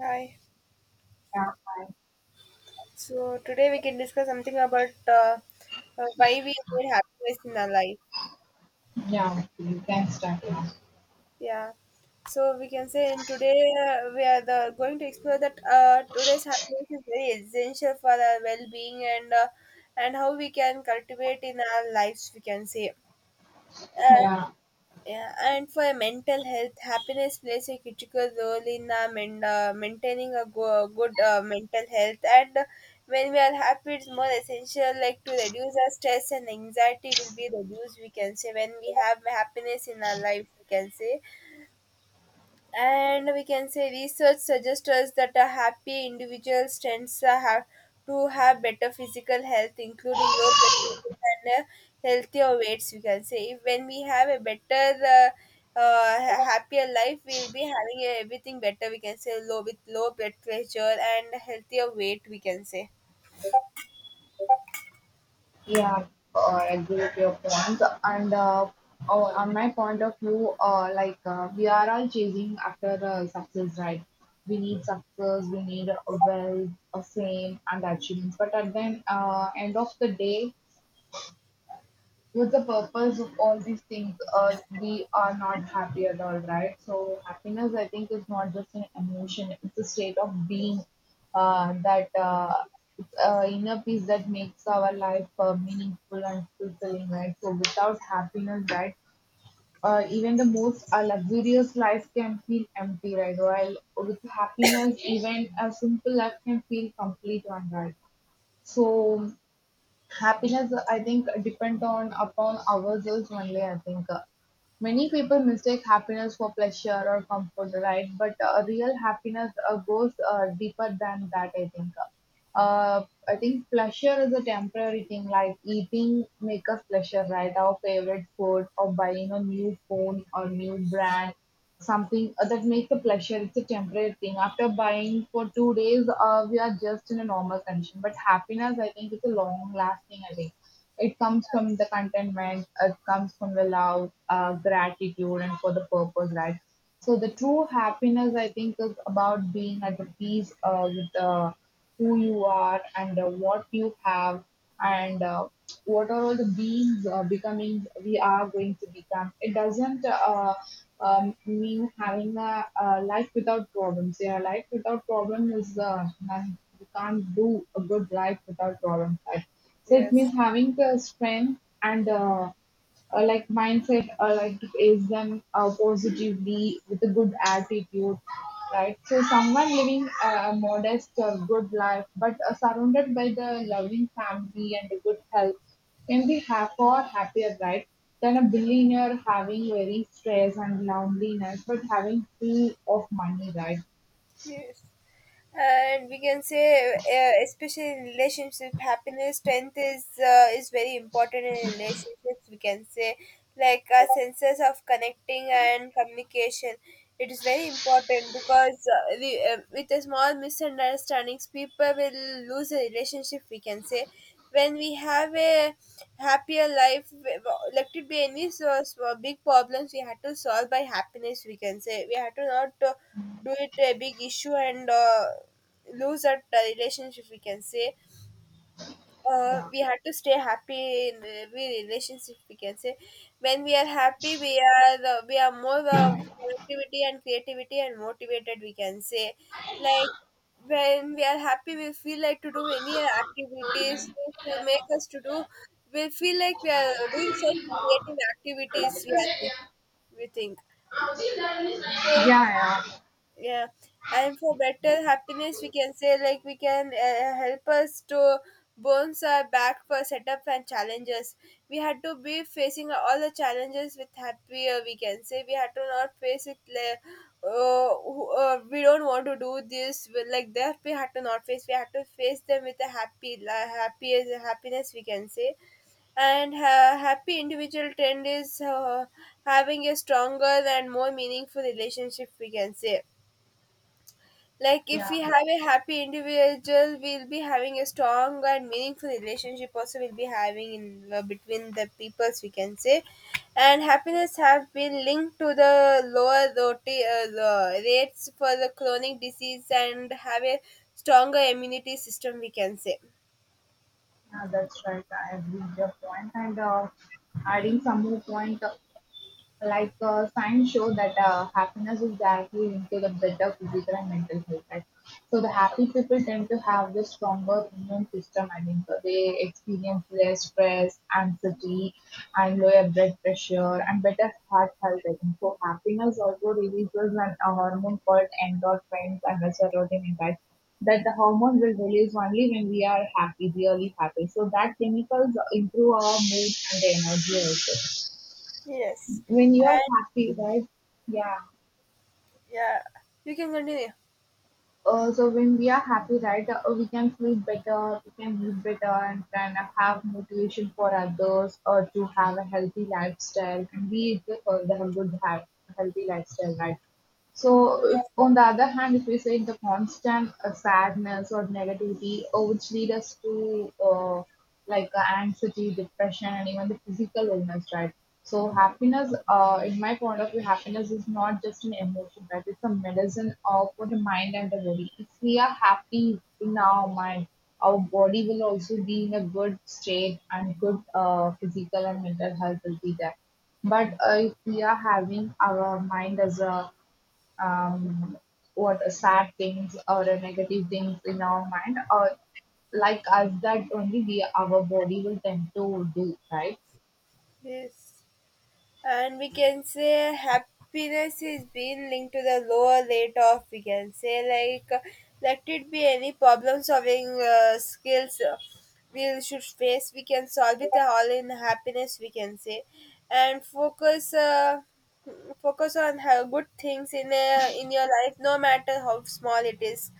Hi. Yeah, I, So today we can discuss something about why we need happiness in our life. yeah, you can start now. Yeah. So we can say in today we are going to explore that today's happiness is very essential for our well-being and and how we can cultivate in our lives, we can say. Uh, Yeah, Yeah, and for mental health, happiness plays a critical role in maintaining a good mental health. And when we are happy, it's more essential, like to reduce our stress and anxiety will be reduced, we can say. When we have happiness in our life, we can say, and we can say research suggests us that a happy individual to have better physical health, including low blood pressure and healthier weights, we can say. If when we have a better uh, happier life, we'll be having everything better, we can say, low with low blood pressure and healthier weight, we can say. yeah. Agree with your points. And oh, on my point of view, we are all chasing after success, right? We need success, we need a wealth, a fame, and achievements. But at the end of the day, what's the purpose of all these things? We are not happy at all, right? So happiness, I think, is not just an emotion; it's a state of being. That it's Inner peace that makes our life meaningful and fulfilling, right? So without happiness, right, even the most luxurious life can feel empty, right? While with happiness, even a simple life can feel complete, one, right? So happiness I think depend on upon ourselves only, I think. Many people mistake happiness for pleasure or comfort, right? But real happiness goes deeper than that, I think. I think pleasure is a temporary thing, like eating make us pleasure, right? Our favorite food or buying a new phone or new brand, something that makes a pleasure. It's a temporary thing. After buying for 2 days, we are just in a normal condition. But happiness, I think, is a long lasting. I think it comes from the contentment. It comes from the love, gratitude, and for the purpose, right? So the true happiness, I think, is about being at the peace with. Who you are and what you have and what are all the beings becoming we are going to become, it doesn't mean having a life without problems. Yeah, life without problem is none- you can't do a good life without problem, right? So it Yes. means having the strength and like mindset like to face them positively with a good attitude, right? So someone living a modest good life, but surrounded by the loving family and a good health, can be half or happier, right? Than a billionaire having very stress and loneliness but having full of money, right? Yes, and we can say, especially in relationship, happiness strength is very important in relationships, we can say, like senses of connecting and communication. It is very important because with a small misunderstandings, people will lose a relationship, we can say. When we have a happier life, let it be any so small big problems, we had to solve by happiness, we can say. We had to not do it a big issue and lose that relationship, we can say. Yeah, We had to stay happy in every relationship, we can say. When we are happy, we are more productivity and creativity and motivated, we can say. Like, when we are happy, we feel like to do many activities which will make us to do. We feel like we are doing such creative activities. We think. yeah, So, yeah, yeah, and for better happiness, we can say, like, we can help us to bounce our back for setup and challenges. We had to be facing all the challenges with happier, we can say. We had to not face it like uh, we don't want to do this with like that. We had to not face, we had to face them with a happy happiness, we can say. And happy individual trend is having a stronger and more meaningful relationship, we can say. Like, if we yeah, have a happy individual, we'll be having a strong and meaningful relationship. Also, we'll be having in between the peoples, we can say. And happiness have been linked to the lower the rates for the chronic disease and have a stronger immunity system, we can say. yeah, that's right. I agree with your point. And adding some more point, science show that happiness is directly linked to the better physical and mental health, right? So the happy people tend to have the stronger immune system, I think. They experience less stress, anxiety, and lower blood pressure and better heart health, I think. So happiness also releases a hormone called endorphins and the serotonin, in fact, that the hormone will release only when we are happy, really happy. So that chemicals improve our mood and the energy also Yes. when you are And happy, right? Yeah. yeah, you can continue. So when we are happy, right, we can feel better, we can live better, and can have motivation for others, or to have a healthy lifestyle, and be the healthy lifestyle, right? So, if, on the other hand, if we say the constant sadness or negativity, which lead us to anxiety, depression, and even the physical illness, right? So, happiness, in my point of view, happiness is not just an emotion, right? It's a medicine for the mind and the body. If we are happy in our mind, our body will also be in a good state, and good physical and mental health will be there. But if we are having our mind as a um, what are sad things or a negative things in our mind, or like us, that only we our body will tend to do, right? Yes, and we can say happiness is being linked to the lower rate of, we can say, like let it be any problem solving skills we should face, we can solve it all in happiness, we can say. And focus on how good things in in your life, no matter how small it is.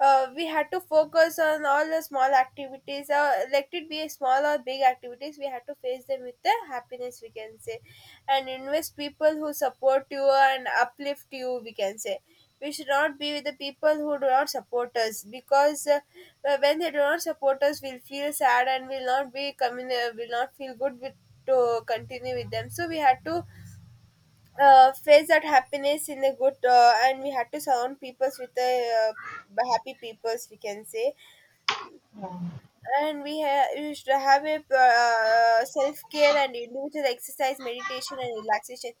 We had to focus on all the small activities. Let it be small or big activities, we had to face them with the happiness, we can say. And invest people who support you and uplift you, we can say. We should not be with the people who do not support us because when they do not support us, we'll feel sad and will not feel good with to continue with them. So we had to face that happiness in a good and we had to surround peoples with the happy peoples, we can say. yeah And we should have a self-care and individual exercise, meditation and relaxation.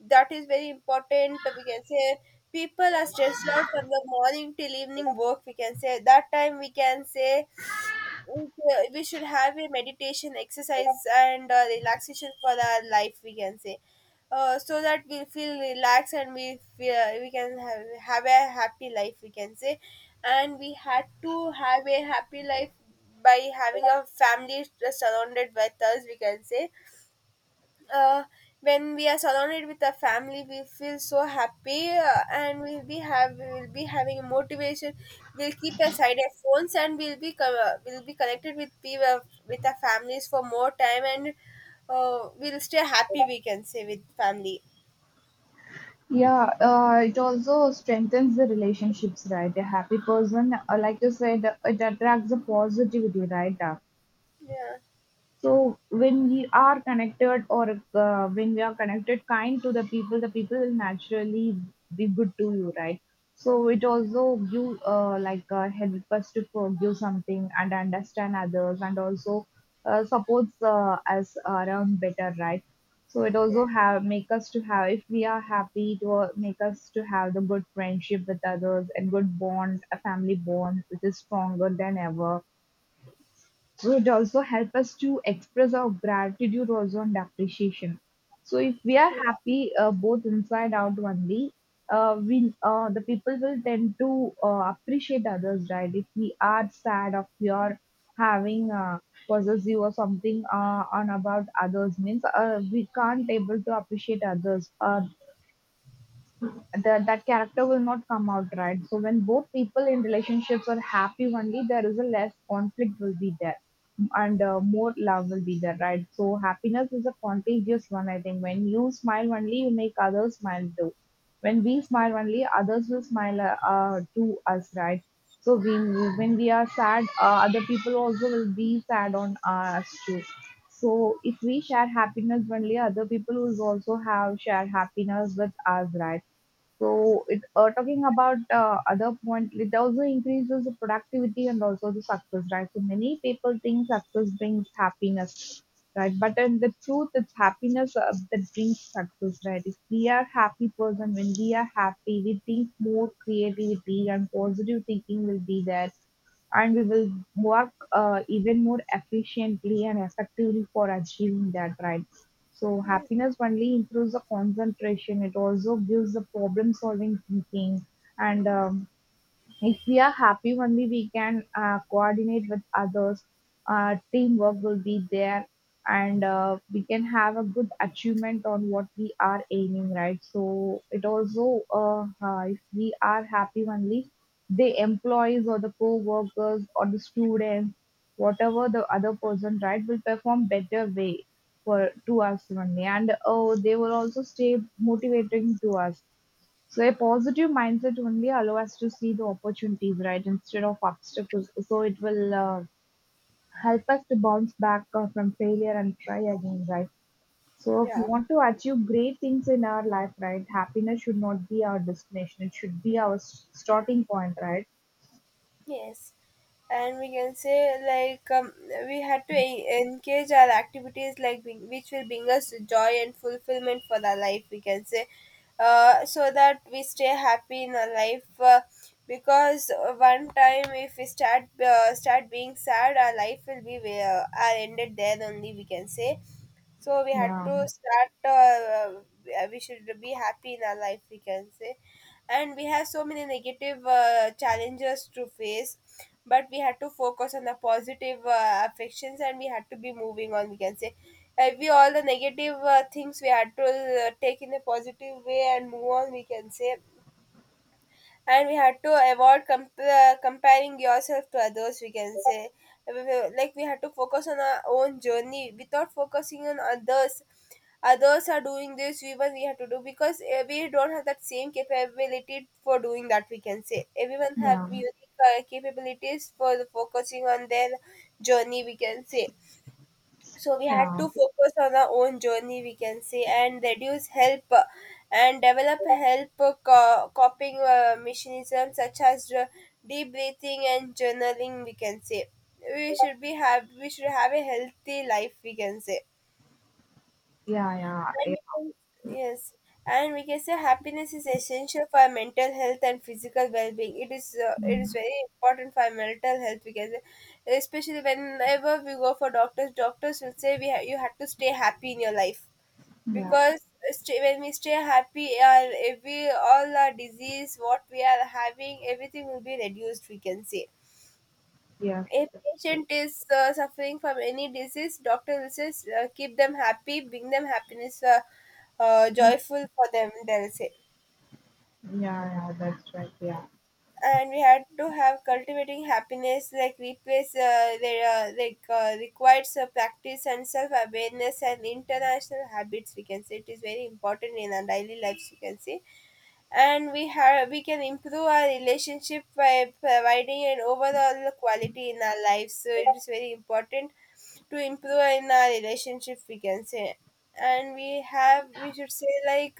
That is very important, we can say. People are stressed out from the morning till evening work, we can say, that time, we can say. Okay, we should have a meditation exercise and relaxation for our life, we can say, so that we feel relaxed and we can have a happy life, we can say. And we had to have a happy life by having a family surrounded with us, we can say. uh, when we are surrounded with our family, we feel so happy, and we'll be having motivation. We'll keep aside our phones, and we'll be connected with people, with our families, for more time, and we'll stay happy, we can say, with family. Yeah, it also strengthens the relationships, right? A happy person, like you said, it attracts the positivity, right? Yeah. So when we are connected, or when we are connected kind to the people will naturally be good to you, right? So it also you help us to forgive something and understand others, and also supports us around better, right? So it Yeah, also have make us to have, if we are happy, to make us to have the good friendship with others, and good bond, a family bond which is stronger than ever, would also help us to express our gratitude also and appreciation. So if we are yeah, happy both inside out only, we the people will tend to appreciate others, right? If we are sad, or we are having possessive or something on about others means we can't able to appreciate others. That character will not come out, right. So when both people in relationships are happy only, there is a less conflict will be there, and more love will be there, right? So happiness is a contagious one, I think. When you smile only, you make others smile too. When we smile only, others will smile to us, right? So we, when we are sad, other people also will be sad on us too. So if we share happiness only, other people will also have share happiness with us, right? So, it, talking about other point, it also increases the productivity and also the success, right? So, many people think success brings happiness, right? But in the truth, it's happiness that brings success, right? If we are happy person, when we are happy, we think more creativity and positive thinking will be there, and we will work even more efficiently and effectively for achieving that, right? So happiness only improves the concentration. It also gives the problem solving thinking. And if we are happy only, we can coordinate with others. Teamwork will be there, and we can have a good achievement on what we are aiming, right? So it also, if we are happy only, the employees or the co-workers or the students, whatever the other person, right, will perform better way for to us only, and oh, they will also stay motivating to us. So a positive mindset only allow us to see the opportunities, right, instead of obstacles. So it will help us to bounce back from failure and try again, right? So if we yeah. want to achieve great things in our life, right, happiness should not be our destination. It should be our starting point, right? Yes, and we can say, like, we had to engage our activities like which will bring us joy and fulfillment for our life, we can say, so that we stay happy in our life. Because one time if we start being sad, our life will be are ended there only, we can say. So we had Yeah, to start. We should be happy in our life, we can say, and we have so many negative challenges to face, but we had to focus on the positive affections, and we had to be moving on, we can say. Every all the negative things we had to take in a positive way and move on, we can say. And we had to avoid comparing yourself to others, we can say. Like, we had to focus on our own journey without focusing on others. Others are doing this, even we have to do because we don't have that same capability for doing that, we can say. Everyone have yeah, unique capabilities for the focusing on their journey, we can say. So we had yeah, to focus on our own journey, we can say, and reduce help and develop coping mechanism such as deep breathing and journaling, we can say. We should have a healthy life, we can say. yeah, yeah, and yeah, we can- Yes, and we can say happiness is essential for our mental health and physical well-being. It is mm, very important for our mental health because, especially whenever we go for doctors, doctors will say you have to stay happy in your life, yeah, because stay, when we stay happy, our every all our disease, what we are having, everything will be reduced, we can say. yes, A that's right. patient is suffering from any disease, doctor says, keep them happy, bring them happiness, joyful for them, they'll say. Yeah, yeah, that's right. Yeah, And we had to have cultivating happiness, like replace their like requires practice and self awareness and international habits, we can say. It is very important in our daily lives, we can see. And we can improve our relationship by providing an overall quality in our lives. So it is very important to improve in our relationship, we can say. And we should say, like,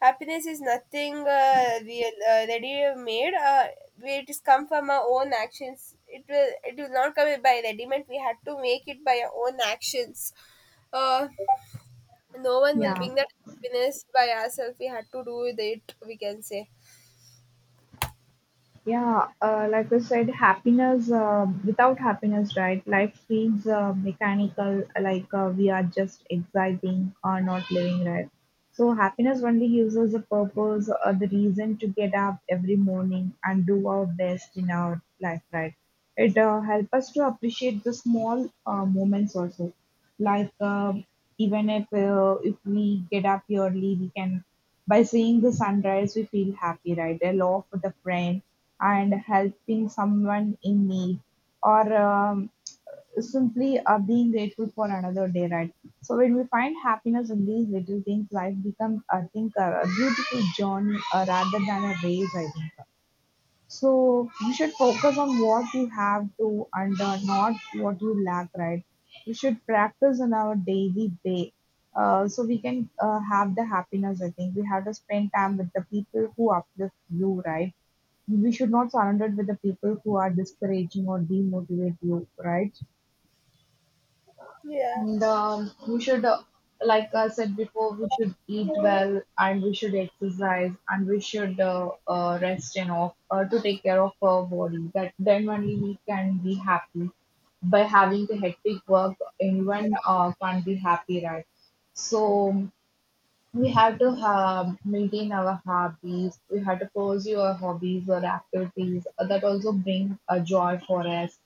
happiness is nothing real ready made. It is come from our own actions. It will not come by ready made. We had to make it by our own actions. uh, no one will yeah. bring that happiness by ourselves. We had to do with it, we can say. Yeah, like I said, happiness, without happiness, right? Life feels mechanical, like we are just exciting or not living, right? So, happiness only gives us a purpose or the reason to get up every morning and do our best in our life, right? It helps us to appreciate the small moments also, like even if we get up early, we can, by seeing the sunrise, we feel happy, right? A love for the friend and helping someone in need, or simply being grateful for another day, right? So when we find happiness in these little things, life becomes, I think, a beautiful journey rather than a race, I think. So you should focus on what you have to, and not what you lack, right? We should practice in our daily day. So we can have the happiness, I think. We have to spend time with the people who uplift you, right? We should not surrender with the people who are discouraging or demotivate you, right? Yeah, And we should, like I said before, we should eat well, and we should exercise, and we should rest enough to take care of our body. That then only we can be happy. By having the hectic work, anyone can't be happy, right? So we have to maintain our hobbies. We have to pursue our hobbies or activities that also bring a joy for us.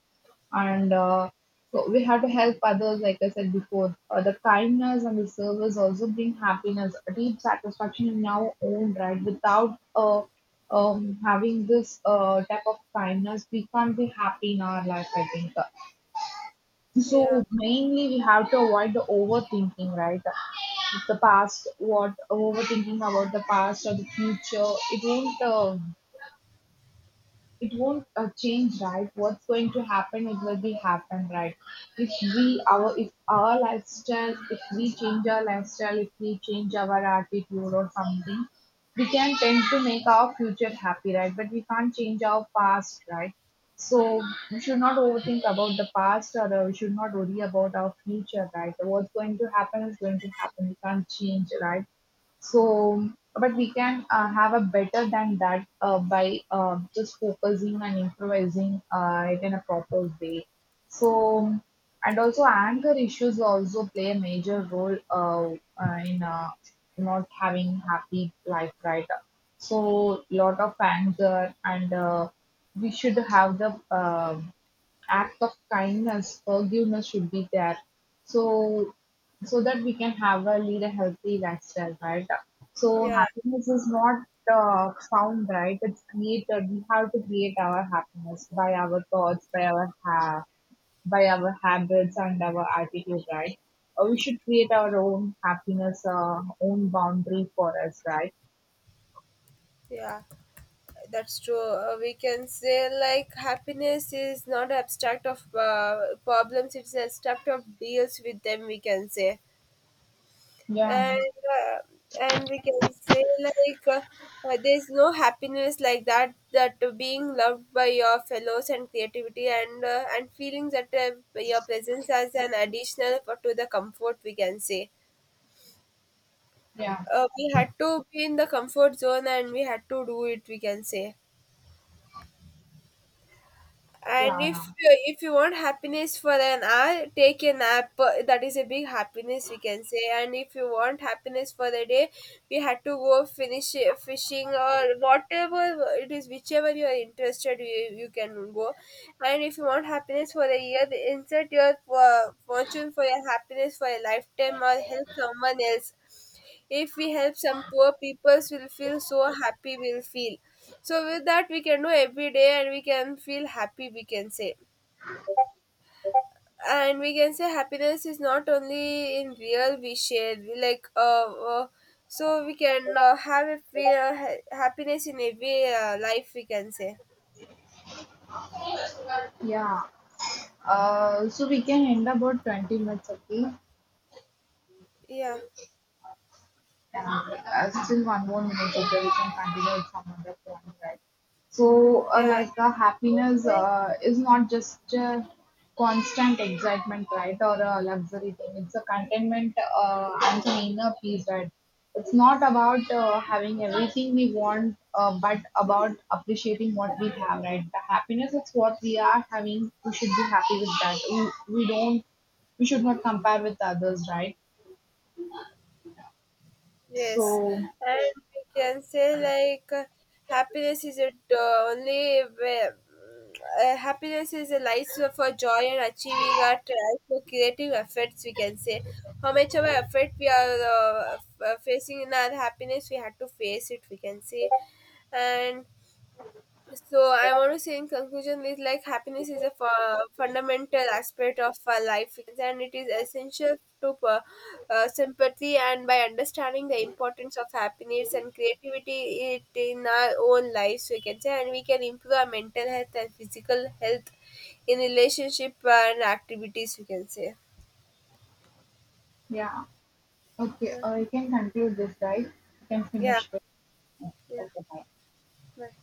And so we have to help others, like I said before. The kindness and the service also bring happiness, a deep satisfaction in our own right. Without having this type of kindness, we can't be happy in our life, I think. yeah, So mainly we have to avoid the overthinking, right? The past, what overthinking about the past or the future, it won't change, right? What's going to happen, it will be happen, right? If we our, if our lifestyle, if we change our lifestyle, if we change our attitude or something, we can tend to make our future happy, right? But we can't change our past, right? So we should not overthink about the past, or we should not worry about our future, right? What's going to happen is going to happen, we can't change, right? So, but we can have a better than that by just focusing and improvising it in a proper way. So, and also anger issues also play a major role in not having happy life, right? So, lot of anger, and we should have the act of kindness, forgiveness should be there. So that we can have a lead a healthy lifestyle, right? So yeah, happiness is not found, right? It's created. We have to create our happiness by our thoughts, by by our habits and our attitude, right? We should create our own happiness, own boundary for us, right? yeah. That's true. We can say, like, happiness is not abstract of problems; it's abstract of deals with them, we can say. Yeah, and uh, and we can say, like, there's no happiness like that, that being loved by your fellows and creativity and feeling that your presence as an additional to the comfort, we can say. yeah, We had to be in the comfort zone and we had to do it, we can say. And yeah. if you want happiness for an hour, take a nap. That is a big happiness, we can say. And if you want happiness for the day, we had to go finish fishing or whatever it is, whichever you are interested, you can go. And if you want happiness for the year, insert your fortune for your happiness for a lifetime or help someone else. If we help some poor people, will feel so happy, we'll feel. So with that, we can do every day, and we can feel happy, we can say. And we can say happiness is not only in real. We like uh so we can have a feel, happiness in every life, we can say. Yeah. So we can end about 20 minutes, okay? Yeah. Still one more minute, okay, we can continue it from other point, right? So Yeah. Happiness is not just constant excitement, right, or a luxury thing, it's a contentment and an inner peace, right? It's not about having everything we want, but about appreciating what we have, right? The happiness is what we are having, we should be happy with that, we don't, we should not compare with others, right? Yes, So and we can say, like, happiness is a only way- happiness is a license for joy and achieving our trials for creative efforts, we can say. How much of our effort we are facing in our happiness, we had to face it, we can say. And so I want to say, in conclusion, is like happiness is a fundamental aspect of our life and it is essential to sympathy, and by understanding the importance of happiness and creativity it in our own lives, we can say, and we can improve our mental health and physical health in relationship and activities, we can say. yeah. Okay, Yeah. or you can conclude this, right? You can Yeah. finish this. Yeah. Okay, bye. Bye.